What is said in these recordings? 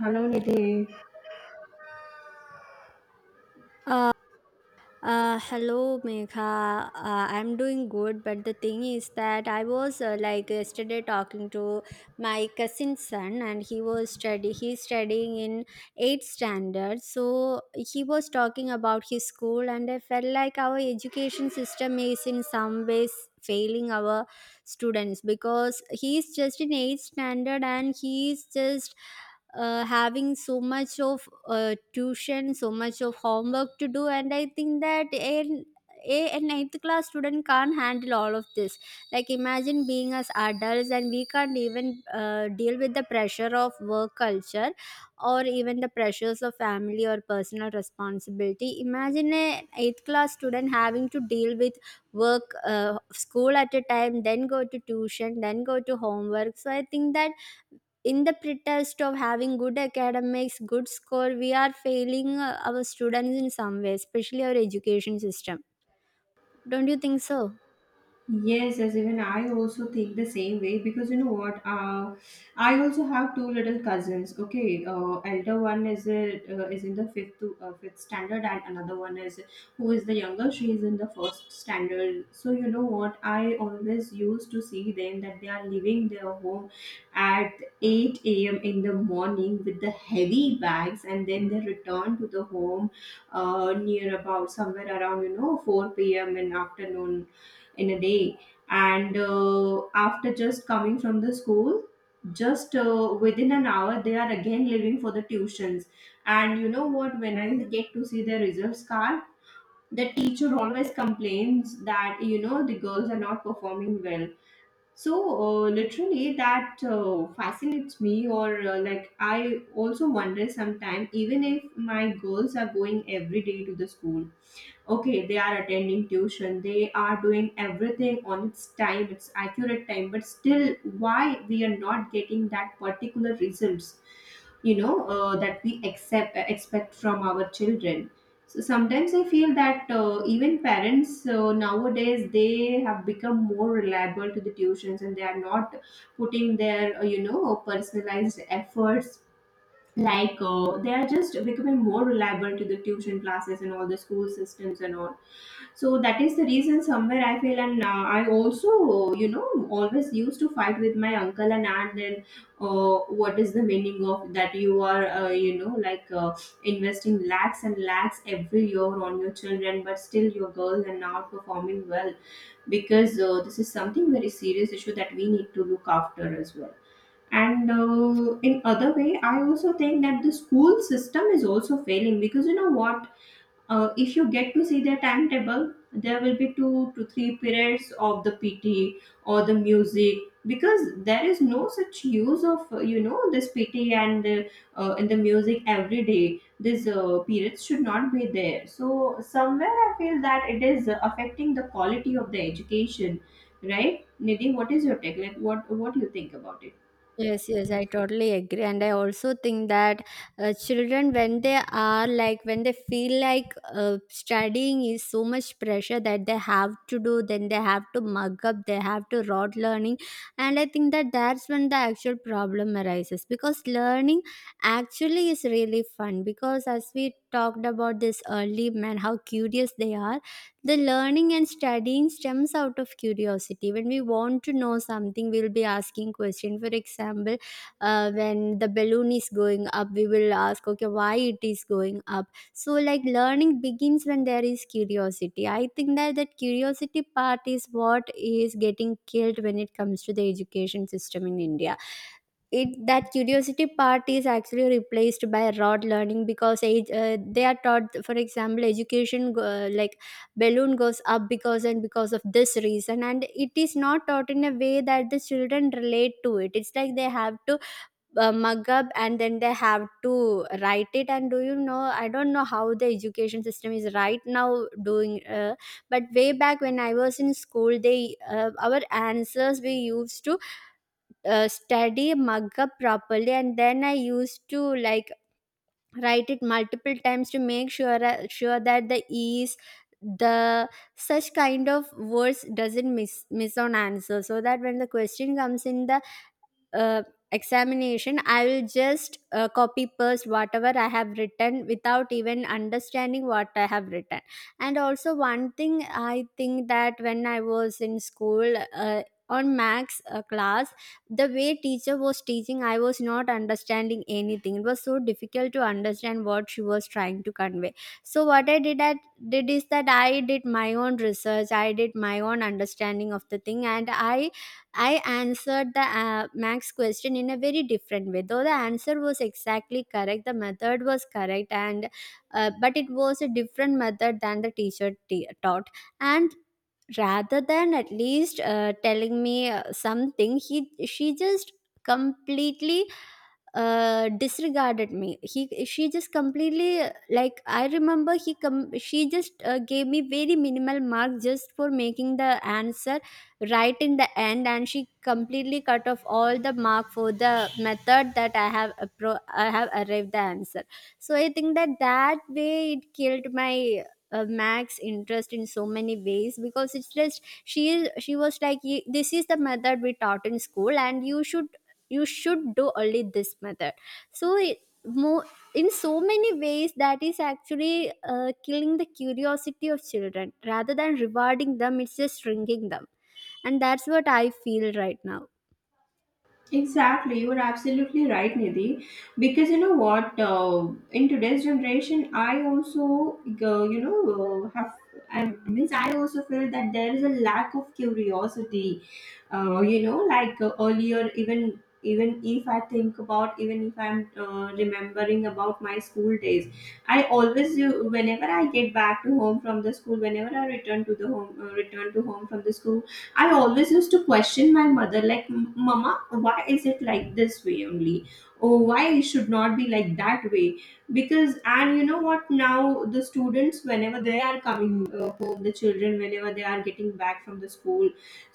Hello, Nidhi. Hello, Megha. I'm doing good, but the thing is that I was like yesterday talking to my cousin's son, and he was study. He's studying in eighth standard, so he was talking about his school, and I felt like our education system is in some ways failing our students because he's just in eighth standard, and he's just having so much of tuition, so much of homework to do. And I think that an eighth class student can't handle all of this. Like, imagine being as adults and we can't even deal with the pressure of work culture or even the pressures of family or personal responsibility. Imagine an eighth class student having to deal with work, school at a time, then go to tuition, then go to homework. So I think that in the pretext of having good academics, good score, we are failing our students in some way, especially our education system. Don't you think so? Yes, as even I also think the same way because you know what? I also have two little cousins. Okay, elder one is is in the fifth standard, and another one is who is the younger. She is in the first standard. So you know what? I always used to see them that they are leaving their home at eight a.m. in the morning with the heavy bags, and then they return to the home near about somewhere around you know 4 p.m. in afternoon in a day. And after just coming from the school, just within an hour they are again leaving for the tuitions. And you know what, when I get to see their results card, the teacher always complains that you know the girls are not performing well. So literally that fascinates me, or like I also wonder sometimes, even if my girls are going every day to the school, okay, they are attending tuition, they are doing everything on its time, its accurate time, but still why we are not getting that particular results, you know, that we accept expect from our children. So sometimes I feel that even parents nowadays they have become more reliable to the tuitions, and they are not putting their you know personalized efforts. Like they are just becoming more reliable to the tuition classes and all the school systems and all. So that is the reason somewhere I feel. And I also, you know, always used to fight with my uncle and aunt, and what is the meaning of that, you are you know like investing lakhs and lakhs every year on your children, but still your girls are not performing well, because this is something very serious issue that we need to look after as well. And in other way I also think that the school system is also failing, because you know what, if you get to see their timetable, there will be two to three periods of the PT or the music, because there is no such use of you know this PT and in the music every day these periods should not be there. So somewhere I feel that it is affecting the quality of the education, right, Nidhi? What is your take, like what do you think about it? Yes, yes, I totally agree. And I also think that children, when they are like, when they feel like studying is so much pressure that they have to do, then they have to mug up, they have to rot learning. And I think that that's when the actual problem arises, because learning actually is really fun. Because as we talked about this early man, how curious they are, the learning and studying stems out of curiosity. When we want to know something, we'll be asking question. For example, when the balloon is going up, we will ask, okay, why it is going up? So like learning begins when there is curiosity. I think that that curiosity part is what is getting killed when it comes to the education system in India. It, that curiosity part is actually replaced by rote learning, because age, they are taught, for example, like balloon goes up because and because of this reason, and it is not taught in a way that the children relate to it. It's like they have to mug up and then they have to write it. And do you know, I don't know how the education system is right now doing, but way back when I was in school, they our answers, we used to study, mug up properly, and then I used to like write it multiple times to make sure sure that the e's, the such kind of words doesn't miss on answer, so that when the question comes in the uh, examination, I will just copy paste whatever I have written without even understanding what I have written. And also one thing I think that when I was in school, on Max class, the way teacher was teaching, I was not understanding anything. It was so difficult to understand what she was trying to convey. So what I did is that I did my own research, I did my own understanding of the thing, and I answered the Max question in a very different way. Though the answer was exactly correct, the method was correct, and but it was a different method than the taught. And rather than at least telling me something, he, she just completely disregarded me. He, she just completely like I remember, she just gave me very minimal mark just for making the answer right in the end, and she completely cut off all the mark for the method that I have I have arrived the answer. So I think that that way it killed my Mac's interest in so many ways, because it's just she is, she was like, This is the method we taught in school and you should, you should do only this method." So it, more in so many ways, that is actually killing the curiosity of children rather than rewarding them. It's just shrinking them, and that's what I feel right now. Exactly, you're absolutely right, Nidhi. Because you know what, in today's generation, I also, you know, I means I also feel that there is a lack of curiosity. You know, like earlier, even if I think about, even if I'm remembering about my school days, I always, whenever I get back to home from the school, whenever I return to the home, return to home from the school. I always used to question my mother, like, Mama, why is it like this way only? Or why it should not be like that way?" Because, and you know what, now the students, whenever they are coming home, the children, whenever they are getting back from the school,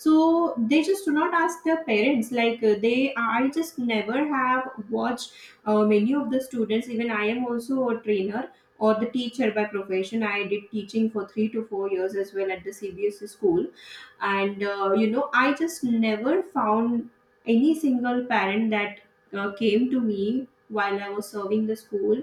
so they just do not ask their parents. Like, I just never have watched many of the students. Even I am also a trainer or the teacher by profession. I did teaching for 3 to 4 years as well at the CBSE school. And you know I just never found any single parent that came to me while I was serving the school,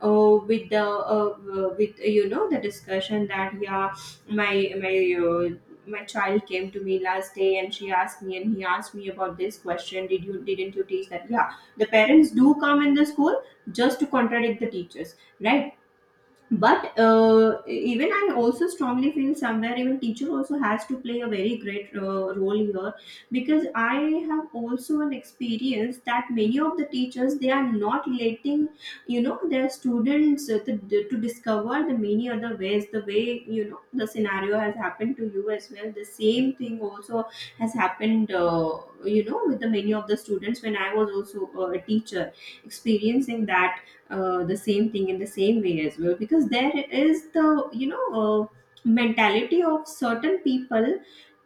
with you know the discussion that, yeah, my my uh, my child came to me last day and she asked me and he asked me about this question, did you, didn't you teach that? Yeah, the parents do come in the school just to contradict the teachers, right? But even I also strongly feel somewhere even teacher also has to play a very great role here, because I have also an experience that many of the teachers, they are not letting you know their students to discover the many other ways, the way, you know, the scenario has happened to you as well, the same thing also has happened, you know, with the many of the students when I was also a teacher, experiencing that the same thing in the same way as well. Because there is the, you know, mentality of certain people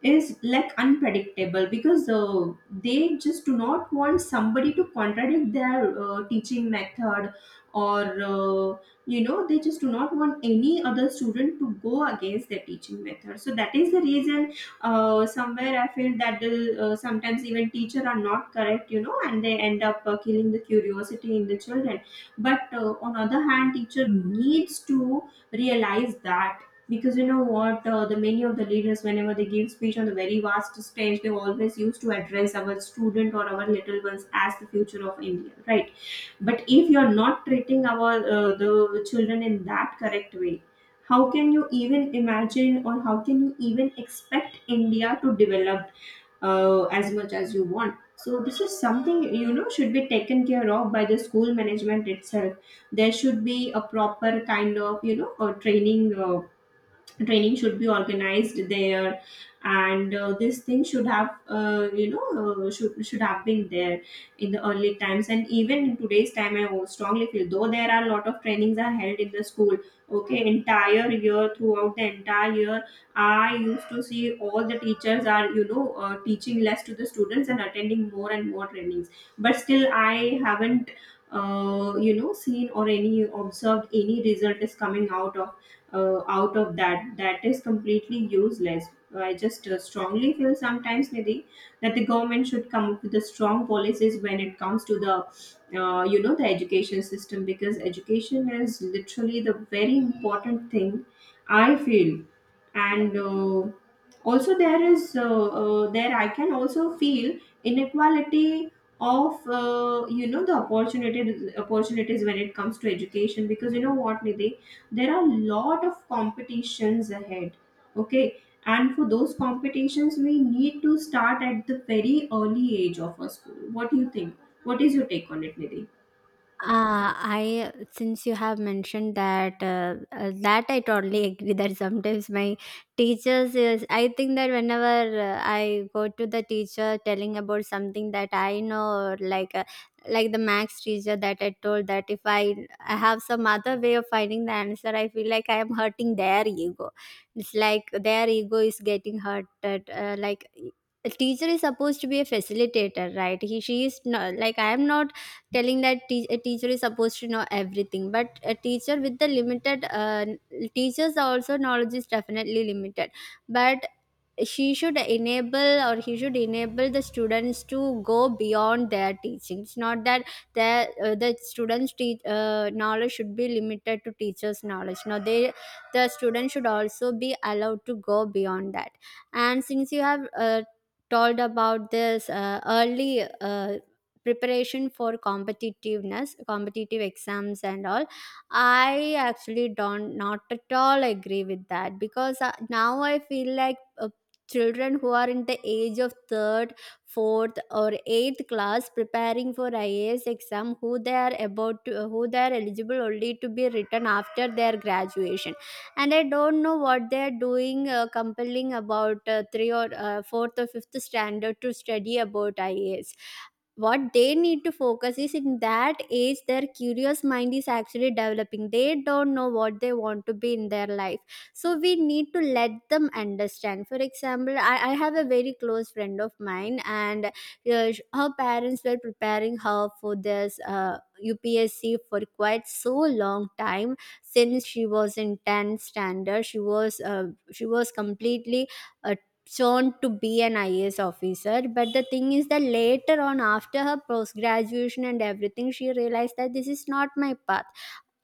is like unpredictable, because they just do not want somebody to contradict their teaching method, or uh, you know, they just do not want any other student to go against their teaching method. So that is the reason somewhere I feel that the, sometimes even teacher are not correct, you know, and they end up killing the curiosity in the children. But on other hand teacher needs to realize that, because you know what, the many of the leaders, whenever they give speech on the very vast stage, they always used to address our student or our little ones as the future of India, right? But if you're not treating our the children in that correct way, how can you even imagine or how can you even expect India to develop as much as you want? So this is something, you know, should be taken care of by the school management itself. There should be a proper kind of, you know, training training should be organized there. And this thing should have, you know, should have been there in the early times. And even in today's time I strongly feel, though there are a lot of trainings are held in the school, okay, entire year, throughout the entire year, I used to see all the teachers are, you know, teaching less to the students and attending more and more trainings. But still I haven't you know seen or any observed any result is coming out of that. That is completely useless. I just strongly feel sometimes, Nidhi, that the government should come up with the strong policies when it comes to the you know the education system, because education is literally the very important thing, I feel. And also there is there I can also feel inequality of you know the opportunity opportunities when it comes to education. Because you know what, Nidhi, there are a lot of competitions ahead, okay, and for those competitions we need to start at the very early age of a school. What do you think? What is your take on it, Nidhi? I, since you have mentioned that, that I totally agree that sometimes my teachers is, I think that whenever I go to the teacher telling about something that I know, like the Max teacher that I told, that if I have some other way of finding the answer, I feel like I am hurting their ego. It's like their ego is getting hurted. Like a teacher is supposed to be a facilitator, right? He, she is not like, I am not telling that a teacher is supposed to know everything, but a teacher with the limited teachers also, knowledge is definitely limited, but she should enable or he should enable the students to go beyond their teaching. It's not that the students teach knowledge should be limited to teachers knowledge. Now they, the students should also be allowed to go beyond that. And since you have told about this early preparation for competitive exams and all, I actually don't not at all agree with that, because now I feel like children who are in the age of third, fourth, or eighth class preparing for IAS exam, who they are about to, who they are eligible only to be written after their graduation. And I don't know what they are doing, compelling about three or fourth or fifth standard to study about IAS. What they need to focus is in that age their curious mind is actually developing. They don't know what they want to be in their life. So we need to let them understand. For example, I have a very close friend of mine, and her parents were preparing her for this UPSC for quite so long time. Since she was in tenth standard, she was completely uh, shown to be an IAS officer. But the thing is that later on, after her post graduation and everything, she realized that this is not my path.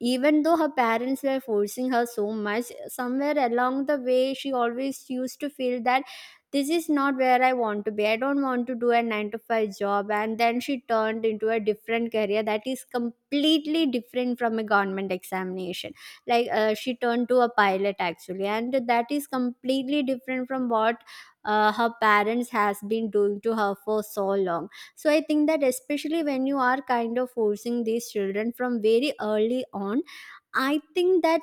Even though her parents were forcing her so much, somewhere along the way she always used to feel that this is not where I want to be. I don't want to do a 9 to 5 job. And then she turned into a different career that is completely different from a government examination. Like she turned to a pilot actually, and that is completely different from what her parents has been doing to her for so long. So I think that especially when you are kind of forcing these children from very early on, I think that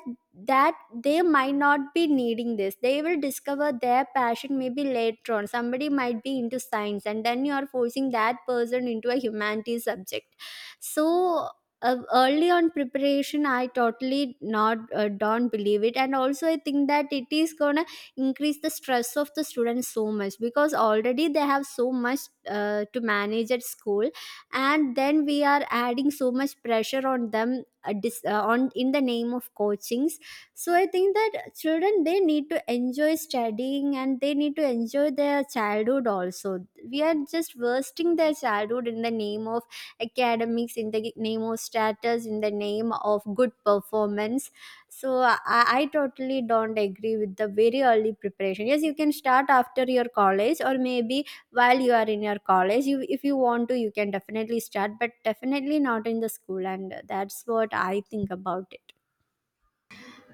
that they might not be needing this. They will discover their passion maybe later on. Somebody might be into science and then you are forcing that person into a humanities subject. So early on preparation, I totally not don't believe it. And also I think that it is gonna increase the stress of the students so much, because already they have so much to manage at school, and then we are adding so much pressure on them, on in the name of coachings. So I think that children, they need to enjoy studying and they need to enjoy their childhood also. We are just wasting their childhood in the name of academics, in the name of status, in the name of good performance. So I totally don't agree with the very early preparation. Yes, you can start after your college or maybe while you are in your college. You, if you want to, you can definitely start, but definitely not in the school. And that's what I think about it.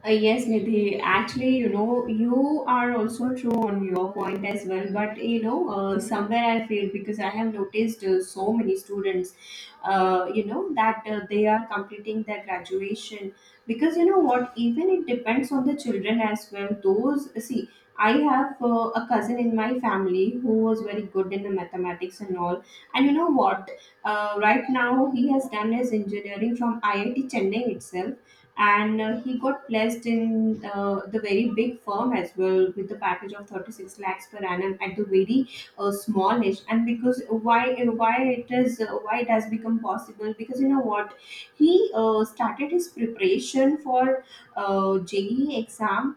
Yes, Nidhi. Actually, you know, you are also true on your point as well. But you know, somewhere I feel, because I have noticed so many students, you know, that they are completing their graduation, because you know what? Even it depends on the children as well. Those see, I have a cousin in my family who was very good in the mathematics and all. And you know what? Right now, he has done his engineering from IIT Chennai itself, and he got placed in the very big firm as well with the package of 36 lakhs per annum at the very small age. And because why it is, why it has become possible, because you know what, he started his preparation for JEE exam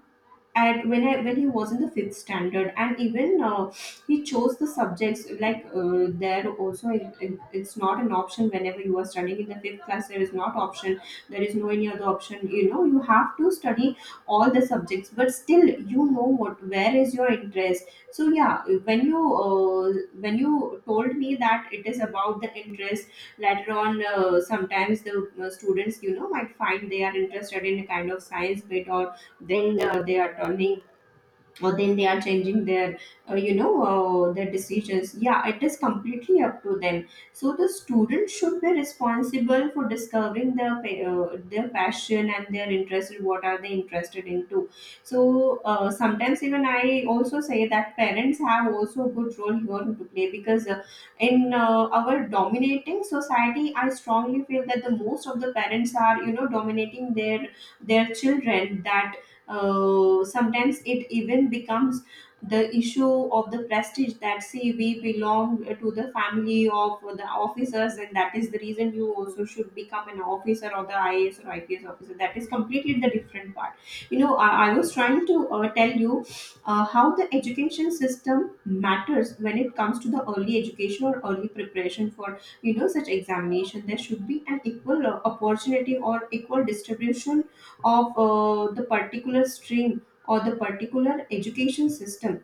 at when I when he was in the fifth standard. And even he chose the subjects, like there also it it's not an option whenever you are studying in the fifth class. There is not option. There is no any other option. You know you have to study all the subjects, but still you know what, where is your interest. So yeah, when you when you told me that it is about the interest later on, sometimes the students might find they are interested in a kind of science bit, or then they are turning, or then they are changing their you know their decisions. Yeah, it is completely up to them. So the student should be responsible for discovering their their passion and their interest in what are they interested into. So sometimes even I also say that parents have also a good role here to play, because in our dominating society, I strongly feel that the most of the parents are dominating their children, that sometimes it even becomes the issue of the prestige, that see, we belong to the family of the officers, and that is the reason you also should become an officer or the IAS or IPS officer. That is completely the different part. I was trying to tell you how the education system matters when it comes to the early education or early preparation for such examination. There should be an equal opportunity or equal distribution of the particular stream or the particular education system.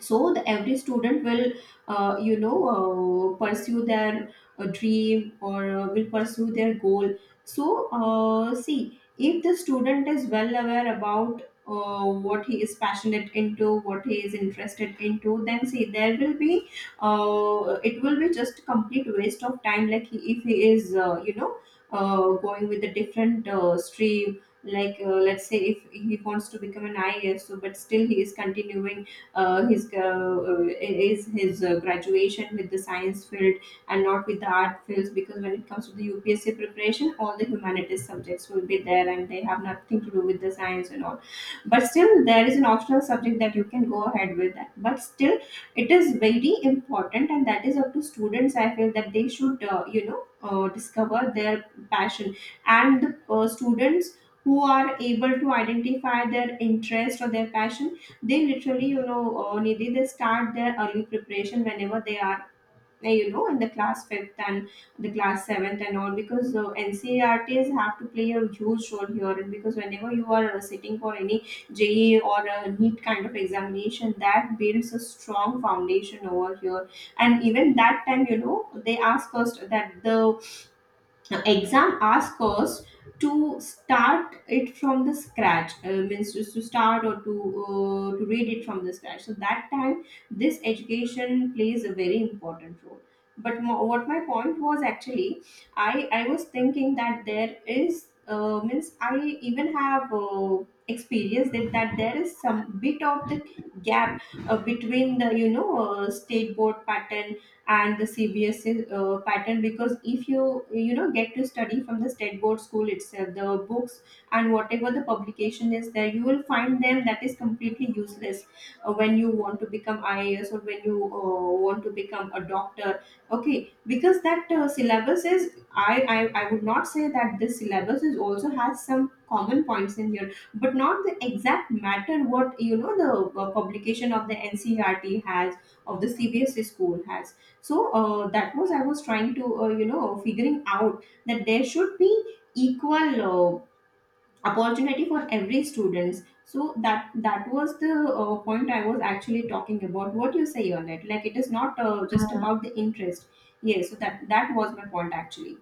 So every student will pursue their dream, or will pursue their goal. So see, if the student is well aware about what he is passionate into, what he is interested into, then see, there will be it will be just complete waste of time. Like, if he is going with a different stream, like let's say if he wants to become an IAS, so but still he is continuing uh, his uh, his graduation with the science field, and not with the art fields, because when it comes to the UPSC preparation, all the humanities subjects will be there and they have nothing to do with the science and all. But still, there is an optional subject that you can go ahead with that. But still, it is very important, and that is up to students. I feel that they should, discover their passion. And the students who are able to identify their interest or their passion, they literally Nidhi, they start their early preparation whenever they are in the class fifth and the class seventh and all, because NCRTs have to play a huge role here, and because whenever you are sitting for any je or a neat kind of examination, that builds a strong foundation over here. And even that time, they ask first, that the exam asks us to start it from the scratch, means just to start or to read it from the scratch. So that time this education plays a very important role. But what my point was actually, I was thinking that there is, means I even have experienced that there is some bit of the gap between the state board pattern and the CBSE pattern, because if you you know get to study from the state board school itself, the books and whatever the publication is there, you will find them, that is completely useless when you want to become IAS, or when you want to become a doctor, okay, because that syllabus is, I would not say that this syllabus is also has some common points in here, but not the exact matter what the publication of the NCRT has, of the CBSE school has. So that was, I was trying to figuring out that there should be equal opportunity for every students, so that was the point I was actually talking about, what you say on it, like it is not just Uh, about the interest. Yes, so that was my point actually.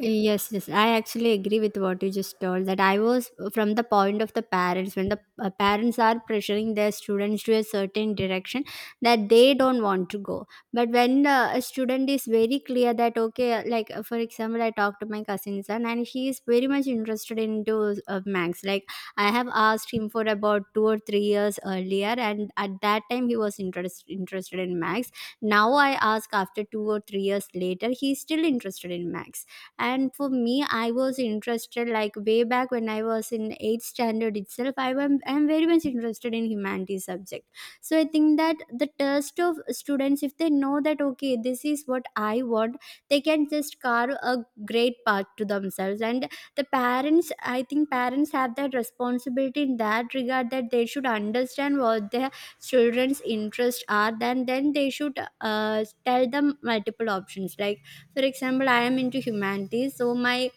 Yes, yes, I actually agree with what you just told. That I was from the point of the parents when the parents are pressuring their students to a certain direction that they don't want to go. But when a student is very clear that okay, like for example, I talked to my cousin son and he is very much interested into Max. Like I have asked him for about 2 or 3 years earlier, and at that time he was interested in Max. Now I ask after 2 or 3 years later, he is still interested in Max. And for me, I was interested like way back when I was in 8th standard itself. I am very much interested in humanities subject. So I think that the test of students, if they know that, okay, this is what I want, they can just carve a great path to themselves. And the parents, I think parents have that responsibility in that regard, that they should understand what they children's interests are, then they should tell them multiple options, like for example, I am into humanities, so my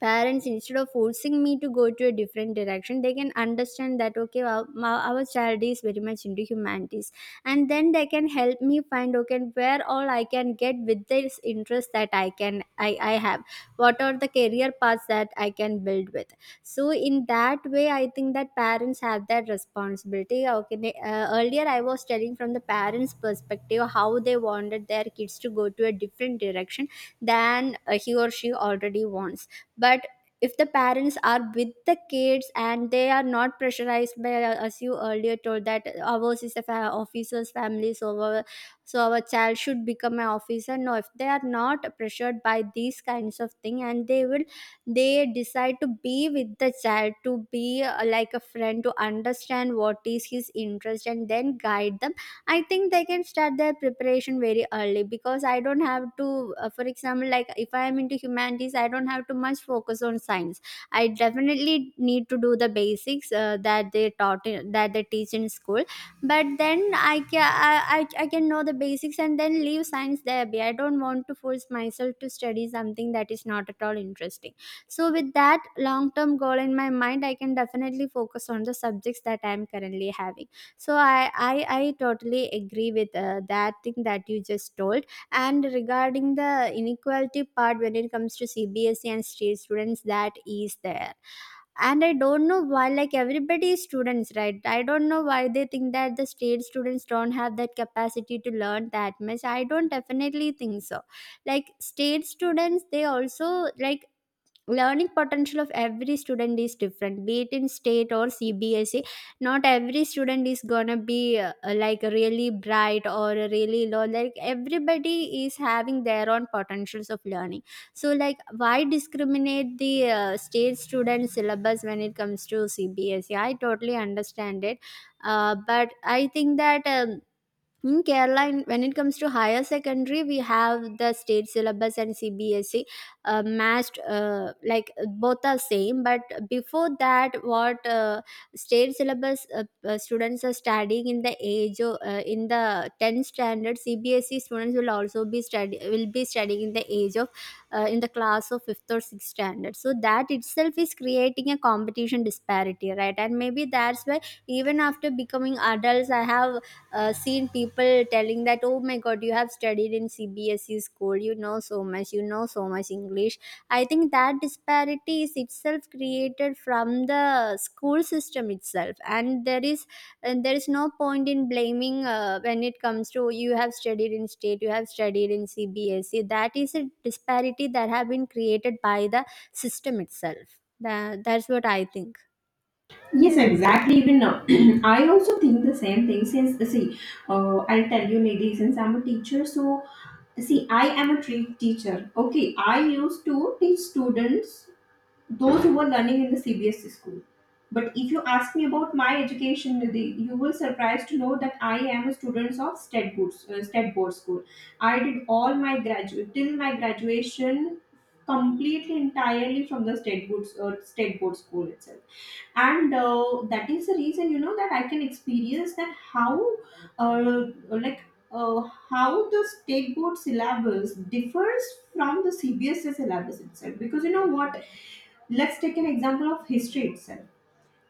parents, instead of forcing me to go to a different direction, they can understand that, okay, our child is very much into humanities. And then they can help me find, okay, where all I can get with this interest that I can I have. What are the career paths that I can build with? So in that way, I think that parents have that responsibility. Okay, earlier I was telling from the parents perspective how they wanted their kids to go to a different direction than he or she already wants. But if the parents are with the kids and they are not pressurized by, as you earlier told, that ours is a officer's family, so our child should become an officer. No, if they are not pressured by these kinds of thing, and they decide to be with the child, to be like a friend, to understand what is his interest, and then guide the I think they can start their preparation very early, because I don't have to, for example, like if I am into humanities, I don't have to much focus on science. I definitely need to do the basics that they teach in school, but then I can know the basics and then leave science there. Be I don't want to force myself to study something that is not at all interesting. So with that long term goal in my mind, I can definitely focus on the subjects that I am currently having. So I totally agree with that thing that you just told. And regarding the inequality part, when it comes to CBSE and state students, that is there. And I don't know why, like, everybody is students, right? I don't know why they think that the state students don't have that capacity to learn that much. I don't definitely think so. Like state students, they also, like, learning potential of every student is different, be it in state or CBSE. Not every student is gonna be like really bright or really low. Like, everybody is having their own potentials of learning. So like, why discriminate the state student syllabus when it comes to CBSE? I totally understand it. But I think that, in Kerala, when it comes to higher secondary, we have the state syllabus and CBSE matched, like, both are same. But before that, what state syllabus students are studying in the age of, in the 10th standard, CBSE students will also be study will be studying in the age of, in the class of 5th or 6th standard. So that itself is creating a competition disparity, right? And maybe that's why, even after becoming adults, I have seen people telling that, oh my god, you have studied in CBSE school, you know so much, you know so much English. I think that disparity is itself created from the school system itself, and there is no point in blaming, when it comes to, you have studied in state, you have studied in CBSE, that is a disparity that have been created by the system itself. That's what I think. Yes, exactly. Even now, I also think the same thing. Since see, I'll tell you, Nidhi, since I'm a teacher, so see, I am a teacher. Okay, I used to teach students those who were learning in the CBSE school. But if you ask me about my education, Nidhi, you will surprised to know that I am a student of State Board School. I did all my graduate till my graduation completely entirely from the State Board School itself. And that is the reason, that I can experience that how, uh, like uh, how the state board syllabus differs from the CBSE syllabus itself. Because you know what, let's take an example of history itself.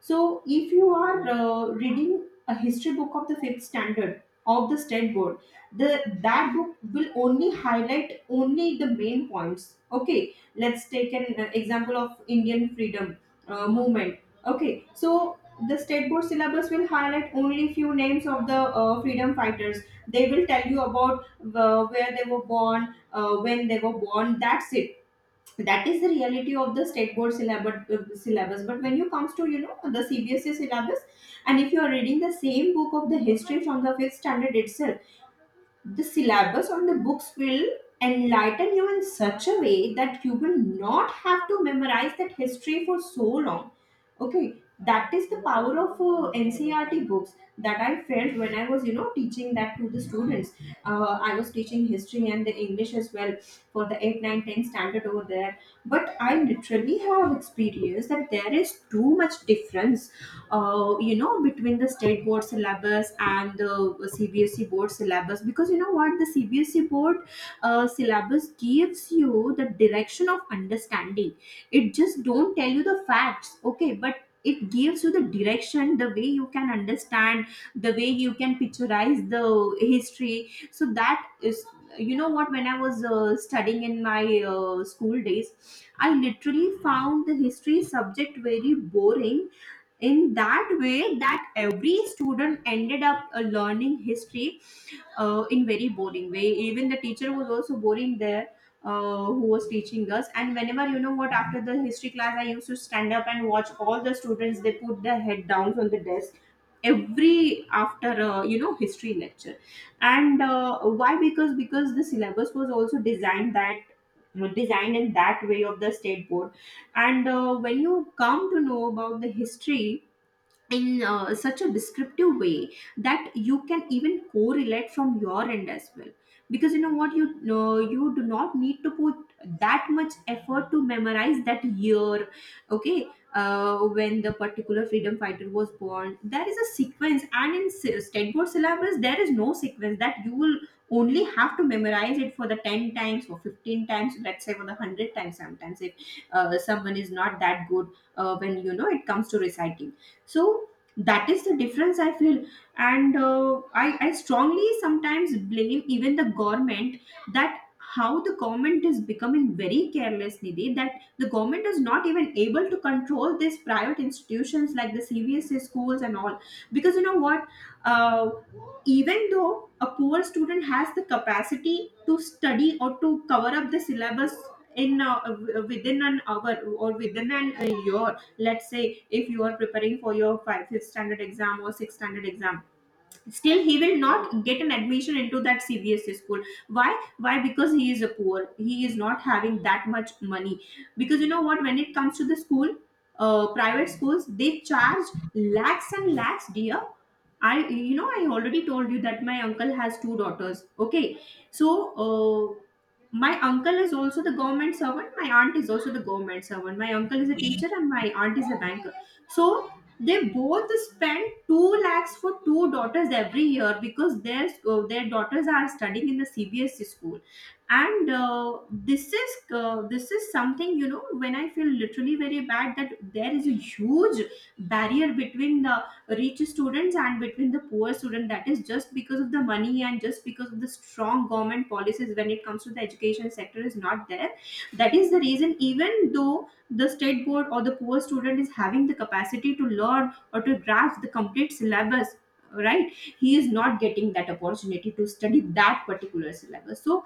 So, if you are reading a history book of the fifth standard of the state board, the that book will only highlight only the main points. Okay, let's take an example of Indian freedom movement. Okay, so the state board syllabus will highlight only few names of the freedom fighters. They will tell you about where they were born, when they were born. That's it. That is the reality of the state board syllabus. But when you comes to the CBSE syllabus, and if you are reading the same book of the history from the fifth standard itself, the syllabus on the books will enlighten you in such a way that you will not have to memorize that history for so long. Okay, that is the power of NCRT books that I felt when I was teaching that to the students. I was teaching history and the english as well for the 8 9, 10 standard over there. But I literally have experienced that there is too much difference, between the state board syllabus and the CBSE board syllabus, because you know what, the CBSE board syllabus gives you the direction of understanding. It just don't tell you the facts, okay, but it gives you the direction, the way you can understand, the way you can picturize the history. So that is, you know what, when I was studying in my school days, I literally found the history subject very boring. In that way that every student ended up learning history in very boring way. Even the teacher was also boring there, who was teaching us. And whenever you know what, after the history class, I used to stand up and watch all the students, they put their head down on the desk every after history lecture. And why, because the syllabus was also designed that designed in that way of the state board. And when you come to know about the history in such a descriptive way that you can even correlate from your end as well, because you know what, you do not need to put that much effort to memorize that year. Okay. When the particular freedom fighter was born, there is a sequence, and in state board syllabus there is no sequence, that you will only have to memorize it for the 10 times or 15 times, let's say for the 100 times sometimes, if someone is not that good when it comes to reciting. So that is the difference I feel. And I strongly sometimes blame even the government, that how the government is becoming very careless, Nidhi, that the government is not even able to control these private institutions like the CBSE schools and all, because you know what, uh, even though a poor student has the capacity to study or to cover up the syllabus, in within an hour or within an a year, let's say if you are preparing for your 5th standard exam or 6th standard exam, still he will not get an admission into that CBSE school. Why? Why? Because he is a poor, he is not having that much money. Because you know what, when it comes to the school, private schools, they charge lakhs and lakhs, dear. I already told you that my uncle has two daughters, okay. So uh, my uncle is also the government servant, my aunt is also the government servant, my uncle is a teacher and my aunt is a banker. So they both spend 2 lakhs for two daughters every year, because their daughters are studying in the CBSE school. And this is something, when I feel literally very bad, that there is a huge barrier between the rich students and between the poor student, that is just because of the money, and just because of the strong government policies when it comes to the education sector is not there. That is the reason, even though the state board or the poor student is having the capacity to learn or to grasp the complete syllabus, right, he is not getting that opportunity to study that particular syllabus. So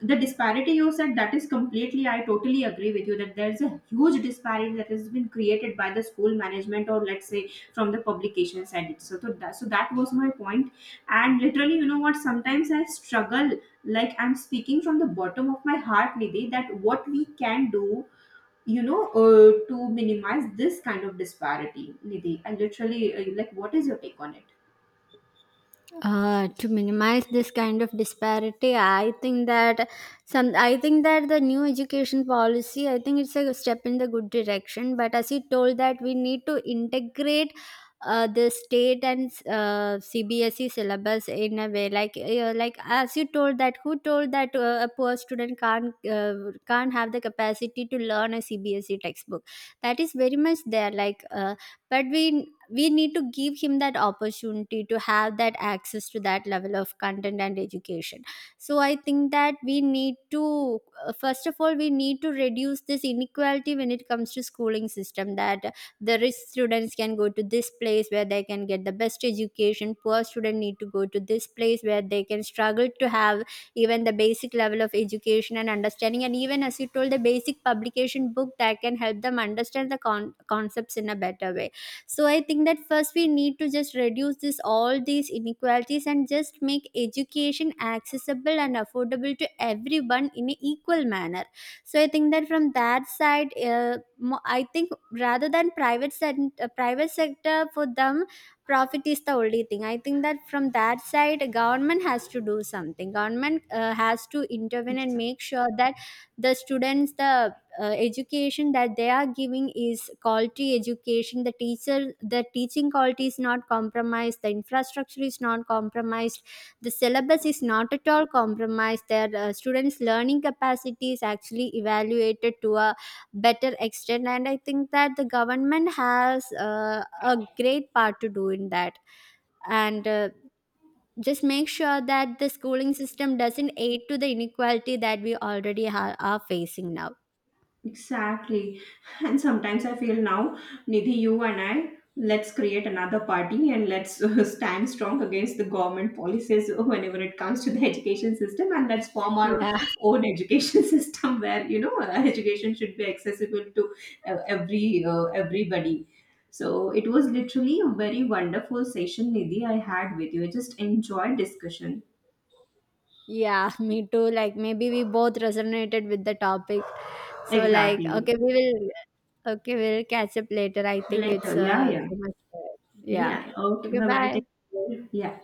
the disparity you said, that is completely, I totally agree with you that there's a huge disparity that has been created by the school management, or let's say from the publication side. So that was my point. And literally, you know what, sometimes I struggle, like I'm speaking from the bottom of my heart, Nidhi, that what we can do, to minimize this kind of disparity. Nidhi, I literally, like, what is your take on it? To minimize this kind of disparity, I think that the new education policy, I think it's a step in the good direction. But as you told that we need to integrate the state and CBSE syllabus in a way, like like as you told, that who told that a poor student can't have the capacity to learn a CBSE textbook, that is very much there, like. But we need to give him that opportunity to have that access to that level of content and education. So I think that we need to first of all, we need to reduce this inequality when it comes to schooling system, that the rich students can go to this place where they can get the best education, poor students need to go to this place where they can struggle to have even the basic level of education and understanding. And even, as you told, the basic publication book that can help them understand the concepts in a better way. So I think that first, we need to just reduce this all these inequalities and just make education accessible and affordable to everyone in an equal manner. So I think that from that side, I think, rather than private private sector, for them profit is the only thing. I think that from that side, government has to do something. Government has to intervene and Exactly. make sure that the students, the education that they are giving is quality education, the teaching quality is not compromised, the infrastructure is not compromised, the syllabus is not at all compromised, their students learning capacity is actually evaluated to a better extent. And I think that the government has a great part to do in that. And just make sure that the schooling system doesn't aid to the inequality that we already are facing now. Exactly. And sometimes I feel now, Nidhi, you and I, let's create another party and let's stand strong against the government policies whenever it comes to the education system, and let's form our Yeah. own education system where, you know, education should be accessible to everybody. So it was literally a very wonderful session, Nidhi, I had with you. I just enjoyed discussion. Yeah, me too. Like, maybe we both resonated with the topic. So like, Exactly. okay, we will okay, we'll catch up later. I think Later. it's Yeah, yeah. so much. Yeah. Yeah. Okay. Okay, Bye-bye. Take bye. care. Yeah.